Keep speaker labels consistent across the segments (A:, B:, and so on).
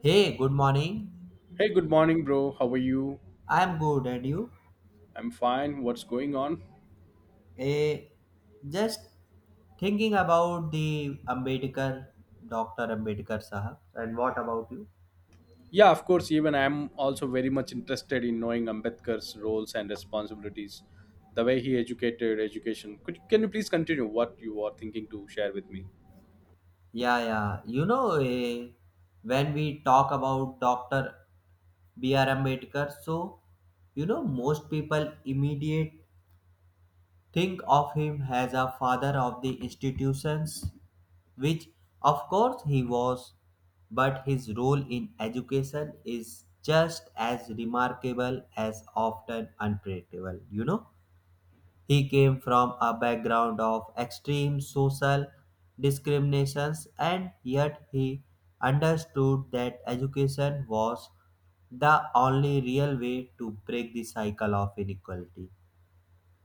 A: Hey, good morning.
B: Hey, good morning, bro. How are you?
A: I'm good, and you?
B: I'm fine. What's going on?
A: Eh, just thinking about Dr. Ambedkar Sahab. And what about you?
B: Yeah, of course, even I'm also very much interested in knowing Ambedkar's roles and responsibilities, the way he educated education. Could can you please continue what you are thinking to share with me?
A: Yeah, yeah. You know, eh, when we talk about Dr. B.R. Ambedkar, most people immediate think of him as a father of the institutions, which of course he was, but his role in education is just as remarkable as often unpredictable. You know, he came from a background of extreme social discriminations, and yet he understood that education was the only real way to break the cycle of inequality.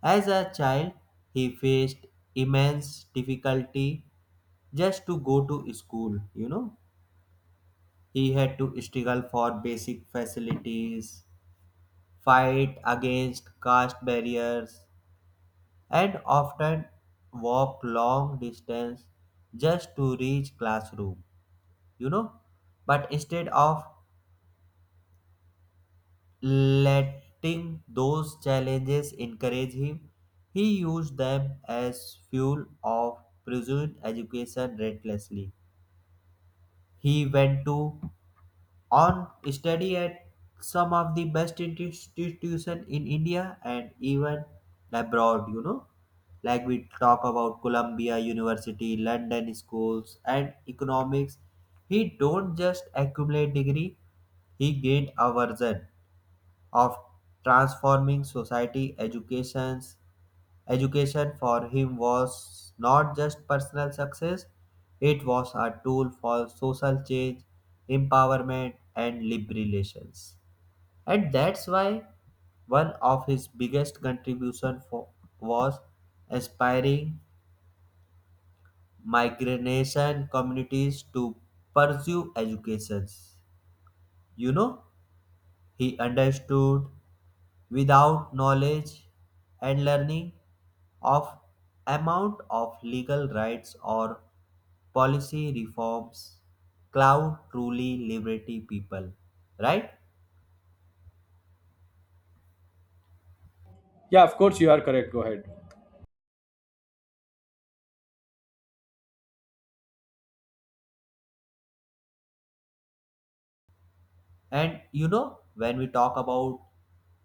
A: As a child, he faced immense difficulty just to go to school, you know. He had to struggle for basic facilities, fight against caste barriers, and often walk long distance just to reach classroom, you know. But instead of letting those challenges encourage him, he used them as fuel of pursuing education relentlessly. He went to on study at some of the best institutions in India and even abroad, you know. Like we talk about Columbia University, London schools and economics. He don't just accumulate degree, he gained a version of transforming society educations education for him was not just personal success, it was a tool for social change, empowerment and liberations. And that's why one of his biggest contribution for, was aspiring migration communities to pursue educations. You know, he understood without knowledge and learning of amount of legal rights or policy reforms cloud truly liberty people, right?
B: Yeah, of course, you are correct. Go ahead.
A: And you know, when we talk about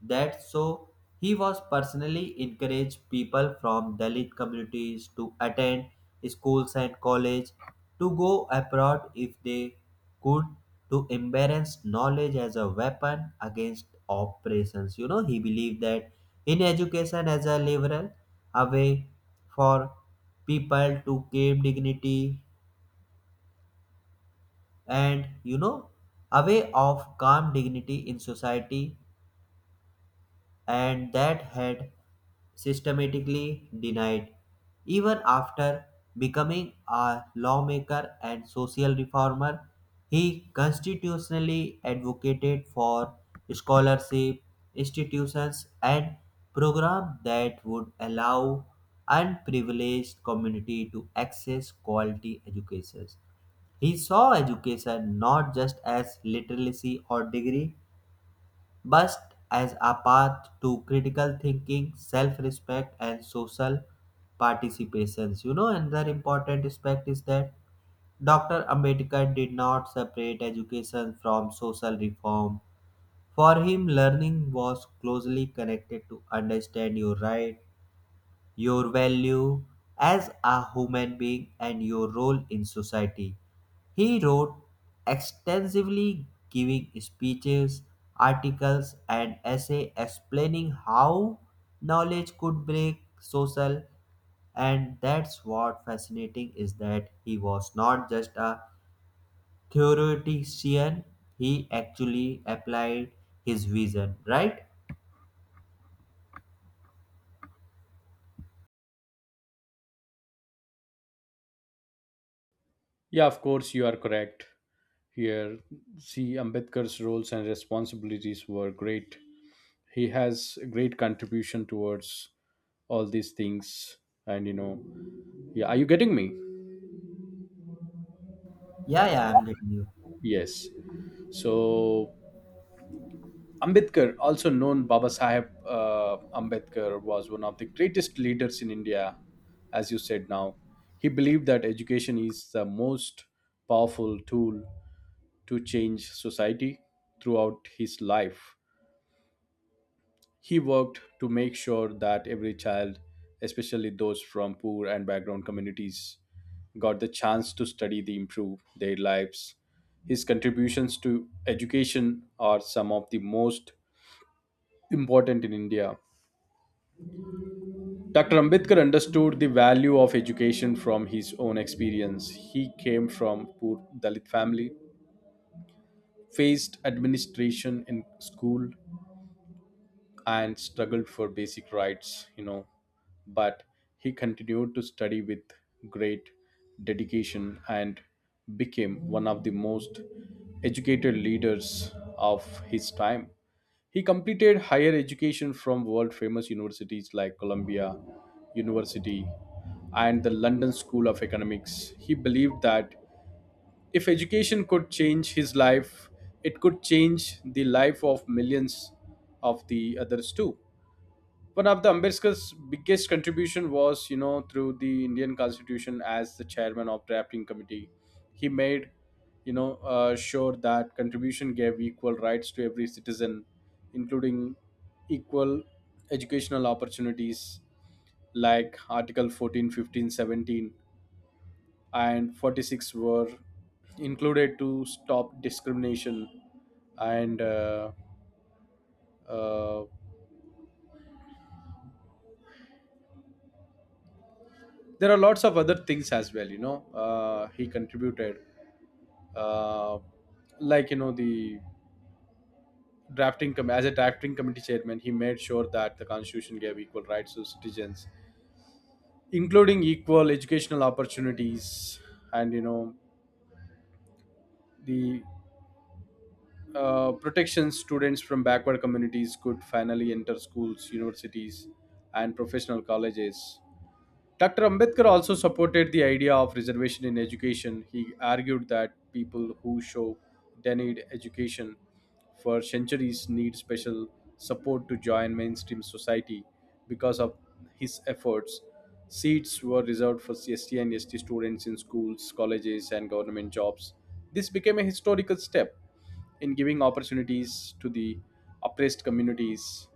A: that, so he was personally encouraged people from Dalit communities to attend schools and college, to go abroad if they could, to embrace knowledge as a weapon against oppressions. You know, he believed that in education as a liberal, a way for people to gain dignity, and you know, a way of calm dignity in society, and that had systematically denied, even after becoming a lawmaker and social reformer. He constitutionally advocated for scholarship institutions and programs that would allow unprivileged community to access quality education. He saw education not just as literacy or degree, but as a path to critical thinking, self-respect, and social participations. You know, another important aspect is that Dr. Ambedkar did not separate education from social reform. For him, learning was closely connected to understand your right, your value as a human being and your role in society. He wrote extensively, giving speeches, articles, and essays explaining how knowledge could break social. And that's what fascinating is that he was not just a theoretician, he actually applied his vision, right?
B: Yeah, of course, you are correct. Here, see, Ambedkar's roles and responsibilities were great. He has a great contribution towards all these things. And you know, yeah, are you getting me?
A: Yeah, yeah, I'm getting you.
B: Yes. So Ambedkar, also known Baba Sahib Ambedkar, was one of the greatest leaders in India, as you said now. He believed that education is the most powerful tool to change society throughout his life. He worked to make sure that every child, especially those from poor and background communities, got the chance to study to improve their lives. His contributions to education are some of the most important in India. Dr. Ambedkar understood the value of education from his own experience. He came from poor Dalit family, faced administration in school, and struggled for basic rights. But he continued to study with great dedication and became one of the most educated leaders of his time. He completed higher education from world famous universities like Columbia University and the London School of Economics. He believed that if education could change his life, it could change the life of millions of the others too. One of the Ambedkar's biggest contribution was, you know, through the Indian Constitution as the chairman of drafting committee. He made, you know, sure that contribution gave equal rights to every citizen, including equal educational opportunities like Article 14, 15, 17, and 46 were included to stop discrimination and uh, there are lots of other things as well, you know, he contributed, uh, like you know the as a drafting committee chairman he made sure that the constitution gave equal rights to citizens, including equal educational opportunities, and you know the protection students from backward communities could finally enter schools, universities, and professional colleges. Dr. Ambedkar also supported the idea of reservation in education. He argued that people who show denied education for centuries need special support to join mainstream society. Because of his efforts, seats were reserved for CST and ST students in schools, colleges, and government jobs. This became a historical step in giving opportunities to the oppressed communities.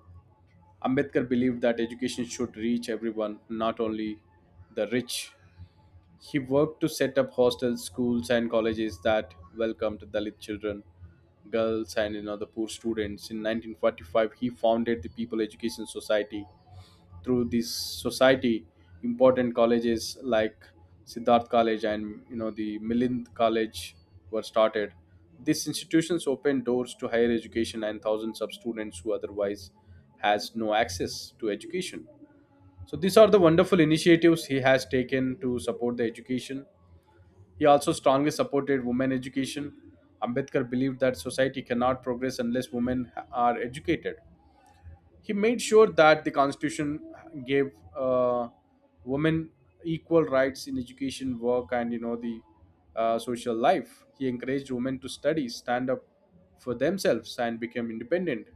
B: Ambedkar believed that education should reach everyone, not only the rich. He worked to set up hostels, schools, and colleges that welcomed Dalit children, girls, and you know, the poor students. In 1945, he founded the People Education Society. Through this society important colleges like Siddharth College and you know the Milind College were started. These institutions opened doors to higher education and thousands of students who otherwise has no access to education. So these are the wonderful initiatives he has taken to support the education. He also strongly supported women education. Ambedkar believed that society cannot progress unless women are educated. He made sure that the Constitution gave women equal rights in education, work, and you know the social life. He encouraged women to study, stand up for themselves, and become independent.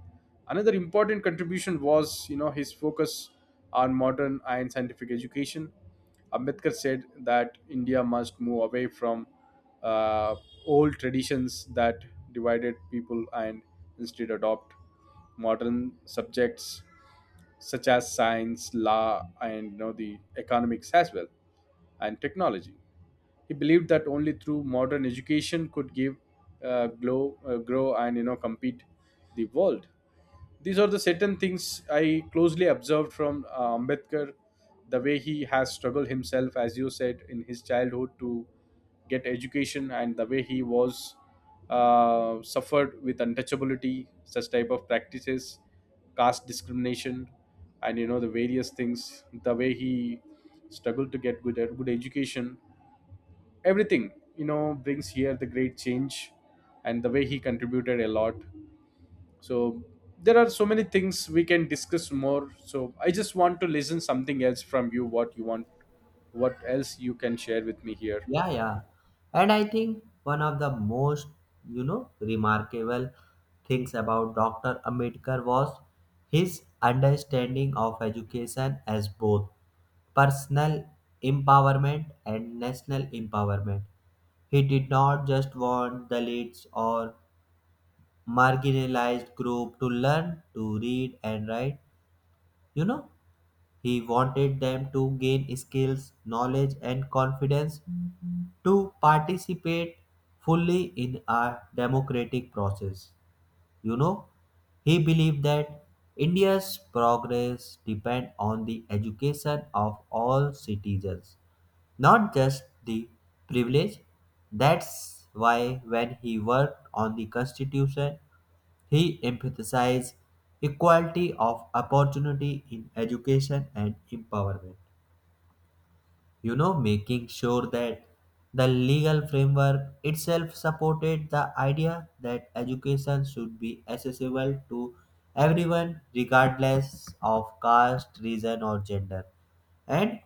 B: Another important contribution was you know his focus on modern and scientific education. Ambedkar said that India must move away from uh, old traditions that divided people and instead adopt modern subjects such as science, law, and you know, the economics as well, and technology. He believed that only through modern education could give grow, and you know compete the world. These are the certain things I closely observed from Ambedkar, the way he has struggled himself, as you said, in his childhood to get education, and the way he was suffered with untouchability, such type of practices, caste discrimination, and you know the various things. The way he struggled to get good education, everything you know brings here the great change, and the way he contributed a lot. So there are so many things we can discuss more, so I just want to listen something else from you. What you want, what else you can share with me here?
A: Yeah, yeah. And I think one of the most, you know, remarkable things about Dr. Ambedkar was his understanding of education as both personal empowerment and national empowerment. He did not just want Dalits or marginalized group to learn to read and write. You know, he wanted them to gain skills, knowledge, and confidence to participate fully in a democratic process. You know, he believed that India's progress depend on the education of all citizens, not just the privileged. That's why when he worked on the constitution, he emphasized equality of opportunity in education and empowerment, you know, making sure that the legal framework itself supported the idea that education should be accessible to everyone regardless of caste region or gender. And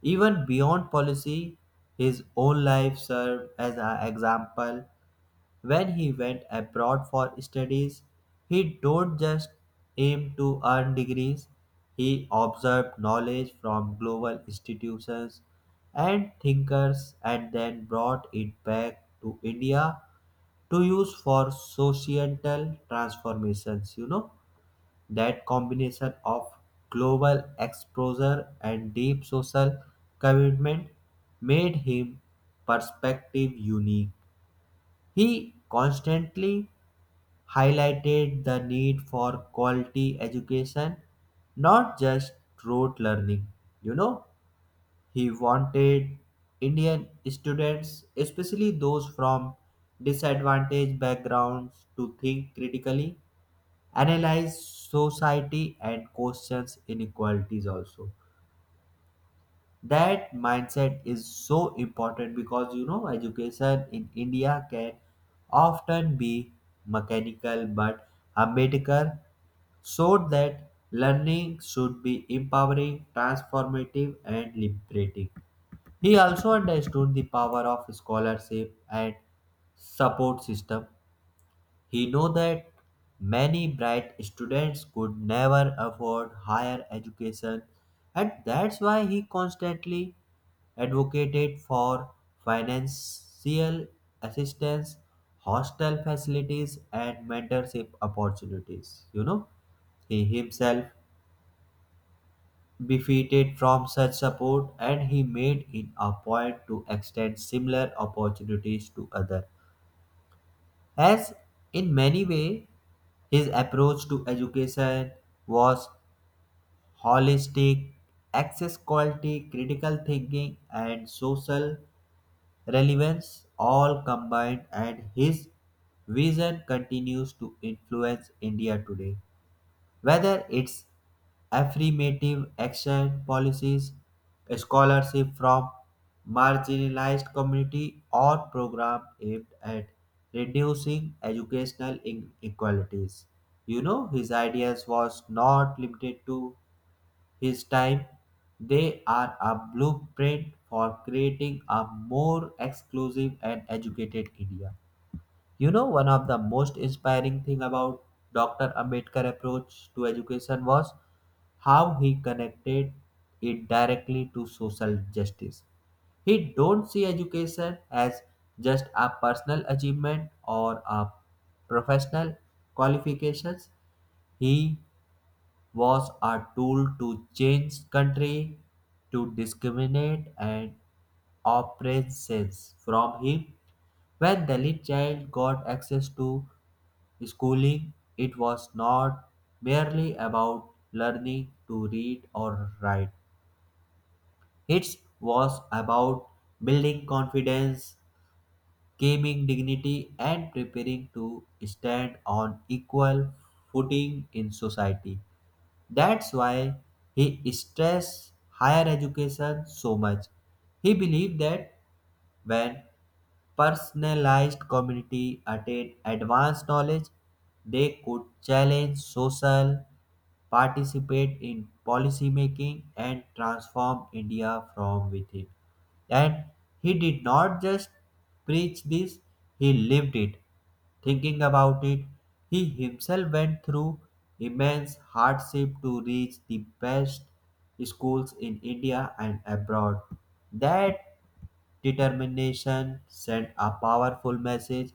A: even beyond policy, his own life served as an example. When he went abroad for studies, he don't just aim to earn degrees. He observed knowledge from global institutions and thinkers and then brought it back to India to use for societal transformations. You know, that combination of global exposure and deep social commitment made him perspective unique. He constantly highlighted the need for quality education, not just rote learning. You know, he wanted Indian students, especially those from disadvantaged backgrounds, to think critically, analyze society, and question inequalities also. That mindset is so important because you know education in india can often be mechanical, but Ambedkar showed that learning should be empowering, transformative and liberating. He also understood the power of scholarship and support system. He knew that many bright students could never afford higher education, and that's why he constantly advocated for financial assistance, hostel facilities, and mentorship opportunities. You know, he himself benefited from such support and he made it a point to extend similar opportunities to others. As in many ways, his approach to education was holistic, access quality, critical thinking, and social relevance all combined, and his vision continues to influence India today. Whether it's affirmative action policies, scholarship from marginalized community or program aimed at reducing educational inequalities. You know, his ideas was not limited to his time, they are a blueprint for creating a more exclusive and educated India. You know, one of the most inspiring thing about Dr. Ambedkar approach to education was how he connected it directly to social justice. He don't see education as just a personal achievement or a professional qualifications. He was a tool to change country, to discriminate and oppressions from him. When the little child got access to schooling, it was not merely about learning to read or write. It was about building confidence, gaining dignity, and preparing to stand on equal footing in society. That's why he stressed higher education so much. He believed that when personalized community attain advanced knowledge, they could challenge social, participate in policy making, and transform India from within. And he did not just preach this, he lived it. Thinking about it, he himself went through immense hardship to reach the best schools in India and abroad. That determination sent a powerful message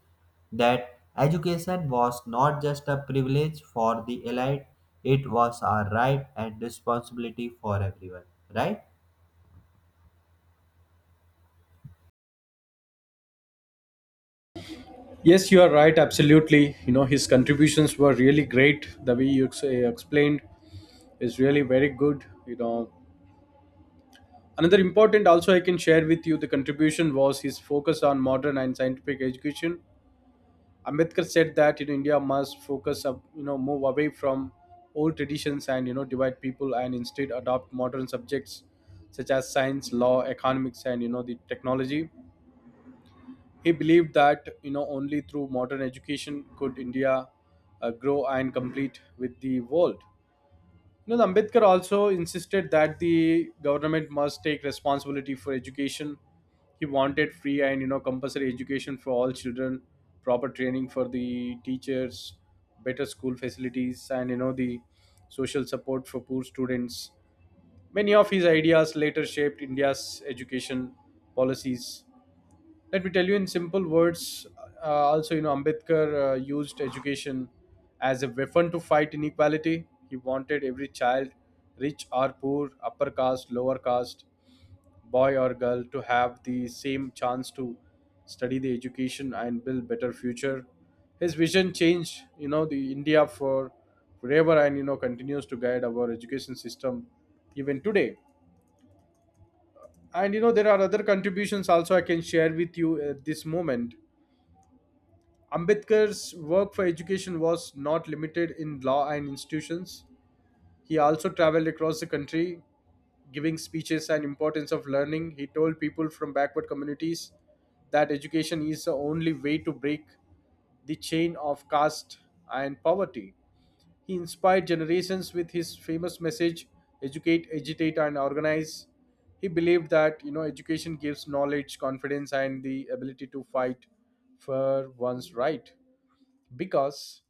A: that education was not just a privilege for the elite, it was a right and responsibility for everyone, right?
B: Yes, you are right, absolutely. You know his contributions were really great. The way you explained is really very good, you know. Another important also I can share with you, the contribution was his focus on modern and scientific education. Ambedkar said that you know, India must focus up, you know, move away from old traditions and you know divide people and instead adopt modern subjects such as science, law, economics, and you know the technology. He believed that you know only through modern education could India grow and compete with the world. You know, the Ambedkar also insisted that the government must take responsibility for education. He wanted free and you know compulsory education for all children, proper training for the teachers, better school facilities, and you know the social support for poor students. Many of his ideas later shaped India's education policies. Let me tell you in simple words, also you know Ambedkar used education as a weapon to fight inequality. He wanted every child, rich or poor, upper caste lower caste, boy or girl, to have the same chance to study the education and build better future. His vision changed you know the India for forever, and you know continues to guide our education system even today. And you know there are other contributions also I can share with you at this moment. Ambedkar's work for education was not limited in law and institutions. He also traveled across the country giving speeches and importance of learning. He told people from backward communities that education is the only way to break the chain of caste and poverty. He inspired generations with his famous message, educate, agitate and organize. He believed that you know education gives knowledge, confidence and the ability to fight for one's right. Because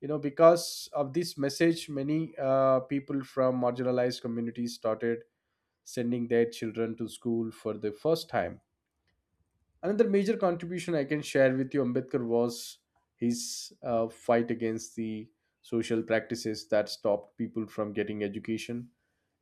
B: of this message many people from marginalized communities started sending their children to school for the first time. Another major contribution I can share with you, Ambedkar, was his fight against the social practices that stopped people from getting education.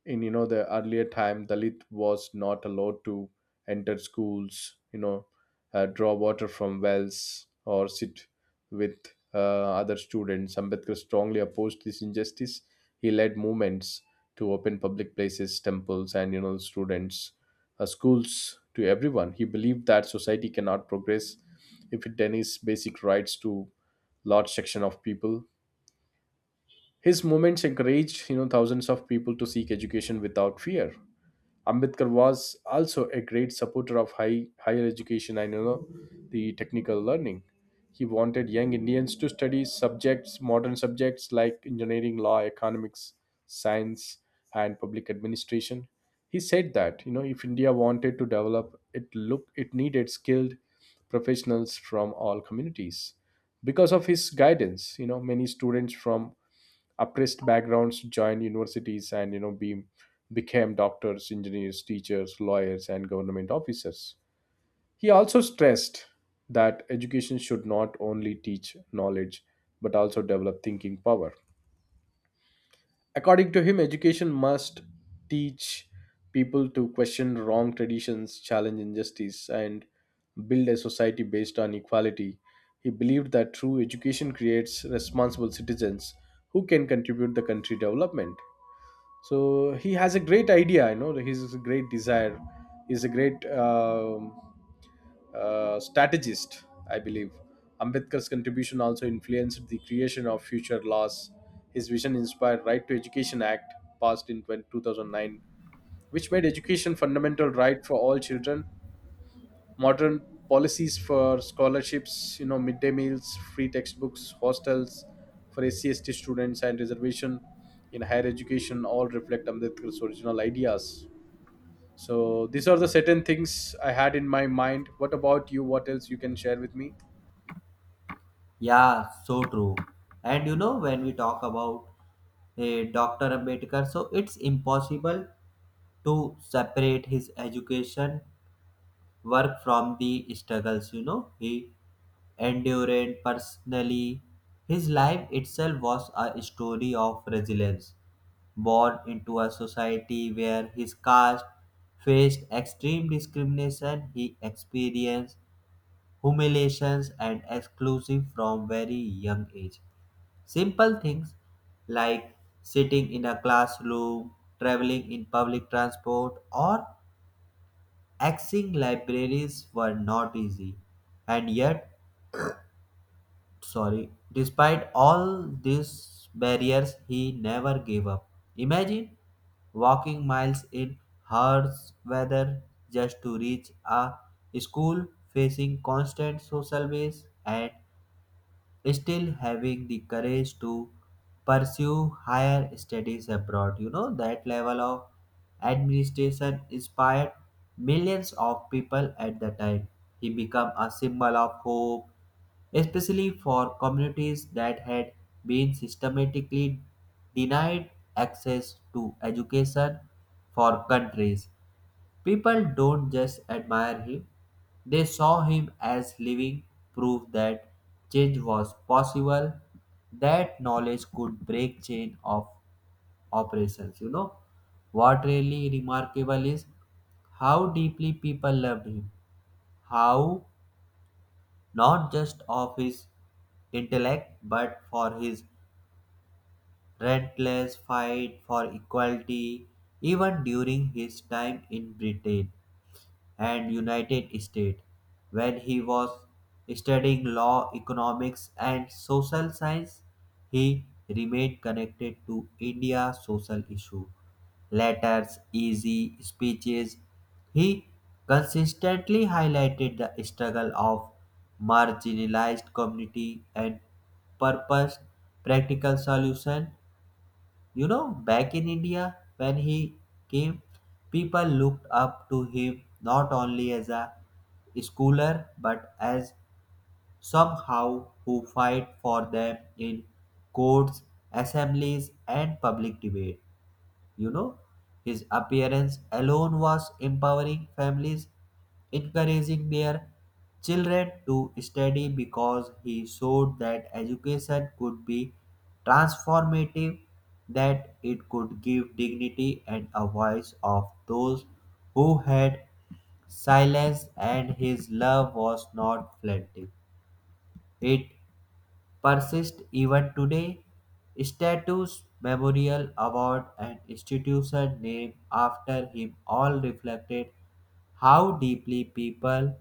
B: In you know the earlier time, Dalit was not allowed to enter schools, you know, draw water from wells, or sit with uh, other students. Ambedkar strongly opposed this injustice. He led movements to open public places, temples, and you know students schools to everyone. He believed that society cannot progress if it denies basic rights to large section of people. His movements encouraged you know thousands of people to seek education without fear. Ambedkar was also a great supporter of higher education and you know, the technical learning. He wanted young Indians to study modern subjects like engineering, law, economics, science, and public administration. He said that you know if India wanted to develop, it needed skilled professionals from all communities. Because of his guidance, you know many students from oppressed backgrounds joined universities and you know became doctors, engineers, teachers, lawyers and government officers. He also stressed that education should not only teach knowledge but also develop thinking power. According to him, education must teach people to question wrong traditions, challenge injustice, and build a society based on equality. He believed that true education creates responsible citizens who can contribute the country development. So he has a great idea, you know he's a great desire, he's a great strategist, I believe. Ambedkar's contribution also influenced the creation of future laws. His vision inspired right to education act passed in 2009, which made education fundamental right for all children. Modern policies for scholarships, you know, midday meals, free textbooks, hostels for scst students and reservation in higher education all reflect Ambedkar's original ideas. So these are the certain things I had in my mind. What about you, what else you can share with me?
A: Yeah, so true. And you know, when we talk about a Dr. Ambedkar, so it's impossible to separate his education work from the struggles, you know, he endured personally. His life itself was a story of resilience, born into a society where his caste faced extreme discrimination. He experienced humiliations and exclusion from very young age. Simple things like sitting in a classroom, traveling in public transport or accessing libraries were not easy, and yet, sorry, despite all these barriers, he never gave up. Imagine walking miles in harsh weather just to reach a school, facing constant social waves and still having the courage to pursue higher studies abroad. You know, that level of administration inspired millions of people at the time. He became a symbol of hope, especially for communities that had been systematically denied access to education for countries. People don't just admire him, they saw him as living proof that change was possible, that knowledge could break chain of operations. You know, what really remarkable is how deeply people loved him, how not just of his intellect but for his relentless fight for equality even during his time in Britain and United States when he was studying law, economics, and social science. He remained connected to India's social issue letters, easy speeches. He consistently highlighted the struggle of marginalized community and purposed practical solution. You know, back in India, when he came, people looked up to him not only as a scholar but as somehow who fight for them in courts, assemblies, and public debate. You know, his appearance alone was empowering families, encouraging their children to study because he showed that education could be transformative, that it could give dignity and a voice of those who had silence. And his love was not fleeting. It persist even today. Statues, memorial, award, and institution named after him all reflected how deeply people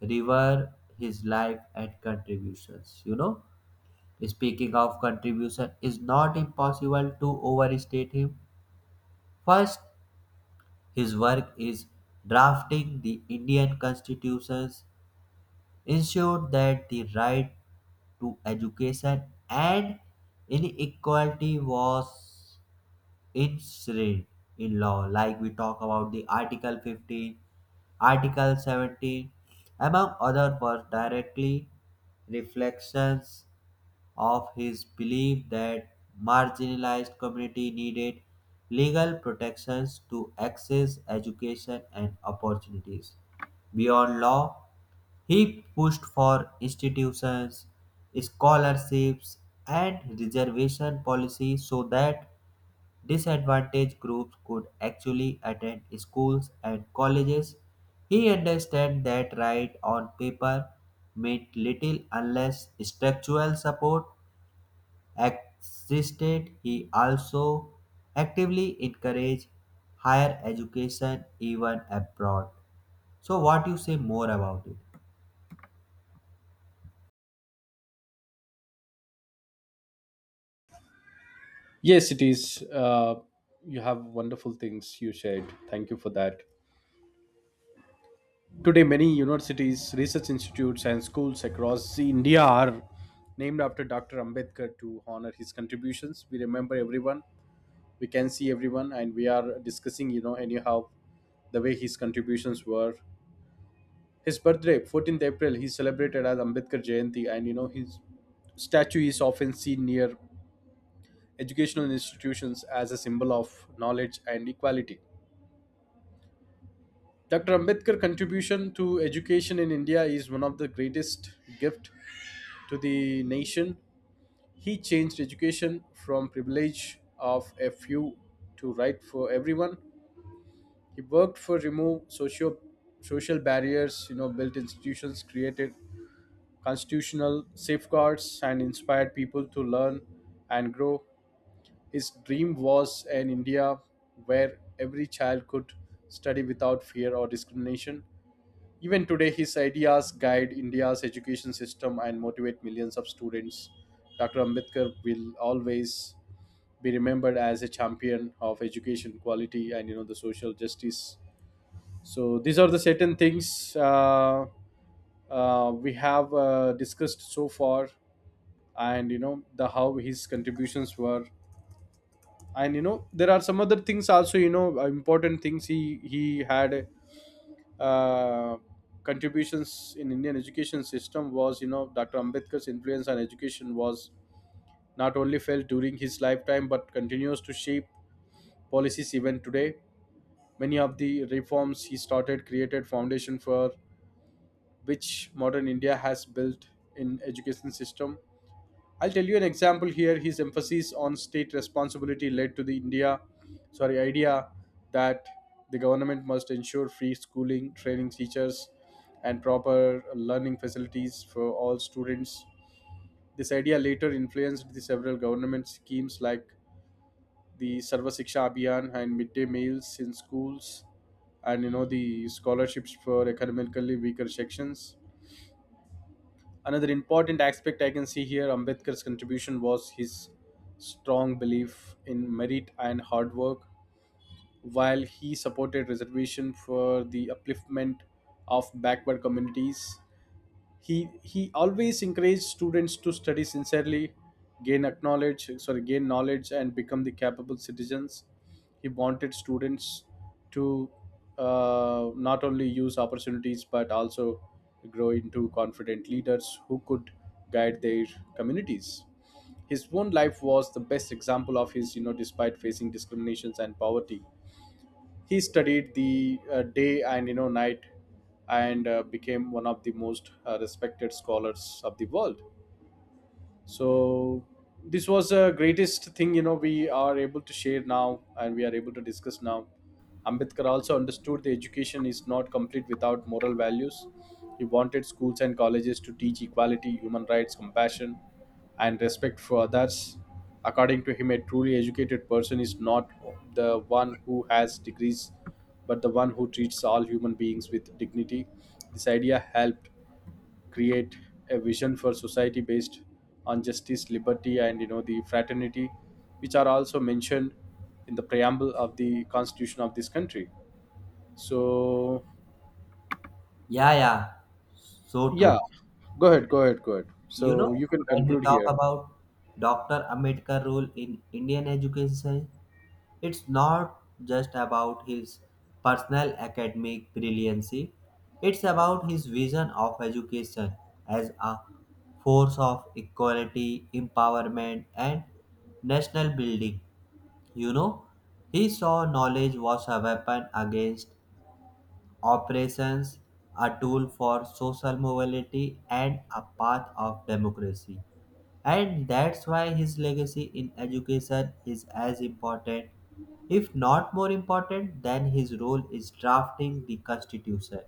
A: revere his life and contributions. You know, speaking of contribution, is not impossible to overstate him. First, his work is drafting the Indian constitutions, ensured that the right to education and inequality was enshrined in law, like we talk about the article 15, article 17, among other was directly reflections of his belief that marginalized community needed legal protections to access education and opportunities. Beyond law, he pushed for institutions, scholarships, and reservation policy so that disadvantaged groups could actually attend schools and colleges. He understood that right on paper meant little unless structural support existed. He also actively encouraged higher education even abroad. So, what you say more about it?
B: Yes, it is, you have wonderful things you shared, thank you for that. Today, many universities, research institutes, and schools across India are named after Dr. Ambedkar to honor his contributions. We remember everyone, we can see everyone, and we are discussing, you know, anyhow, the way his contributions were. His birthday, 14th April, he celebrated as Ambedkar Jayanti, and you know, his statue is often seen near educational institutions as a symbol of knowledge and equality. Dr. Ambedkar's contribution to education in India is one of the greatest gift to the nation. He changed education from privilege of a few to right for everyone. He worked for remove socio social barriers, you know, built institutions, created constitutional safeguards, and inspired people to learn and grow. His dream was an India where every child could study without fear or discrimination. Even today, his ideas guide India's education system and motivate millions of students. Dr. Ambedkar will always be remembered as a champion of education quality and you know the social justice. So these are the certain things we have discussed so far, and you know the how his contributions were, and you know there are some other things also you know important things he had uh, contributions in Indian education system was, you know, Dr. Ambedkar's influence on education was not only felt during his lifetime but continues to shape policies even today. Many of the reforms he started created foundation for which modern India has built in education system. I'll tell you an example here. His emphasis on state responsibility led to the idea that the government must ensure free schooling, training teachers, and proper learning facilities for all students. This idea later influenced the several government schemes like the Sarva Siksha Abhiyan and midday meals in schools, and you know the scholarships for economically weaker sections. Another important aspect I can see here, Ambedkar's contribution was his strong belief in merit and hard work. While he supported reservation for the upliftment of backward communities, he always encouraged students to study sincerely, gain acknowledge sorry gain knowledge and become the capable citizens. He wanted students to not only use opportunities but also grow into confident leaders who could guide their communities. His own life was the best example of his, you know, despite facing discriminations and poverty, he studied the day and you know night, and became one of the most respected scholars of the world. So this was the greatest thing, you know, we are able to share now and we are able to discuss now. Ambedkar also understood the education is not complete without moral values. He wanted schools and colleges to teach equality, human rights, compassion and respect for others. According to him, a truly educated person is not the one who has degrees but the one who treats all human beings with dignity. This idea helped create a vision for society based on justice, liberty and you know the fraternity, which are also mentioned in the preamble of the constitution of this country. So
A: Yeah, yeah, so
B: yeah,
A: true.
B: go ahead,
A: You
B: so
A: know,
B: you can
A: when we
B: conclude
A: talk
B: here.
A: about Dr. Ambedkar role in Indian education, it's not just about his personal academic brilliancy, it's about his vision of education as a force of equality, empowerment, and national building. You know, he saw knowledge was a weapon against operations, a tool for social mobility, and a path of democracy. And that's why his legacy in education is as important, if not more important, than his role is drafting the Constitution.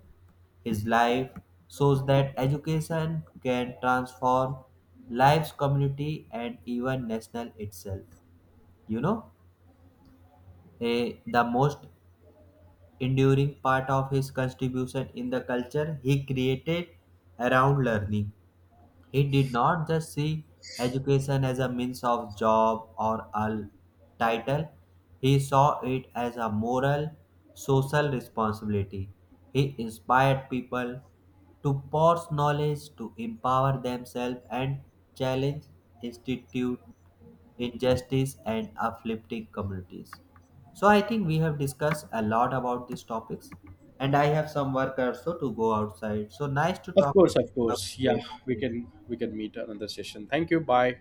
A: His life shows that education can transform lives, community, and even national itself. You know, the most enduring part of his contribution in the culture he created around learning. He did not just see education as a means of job or a title, he saw it as a moral, social responsibility. He inspired people to pass knowledge, to empower themselves, and challenge institute injustice and uplifting communities. So I think we have discussed a lot about these topics, and I have some work also to go outside. So nice to
B: of
A: talk to
B: course
A: you.
B: of
A: Have
B: course
A: a
B: yeah,
A: good
B: we
A: day. Bye.
B: can we can meet another session. Thank you, bye.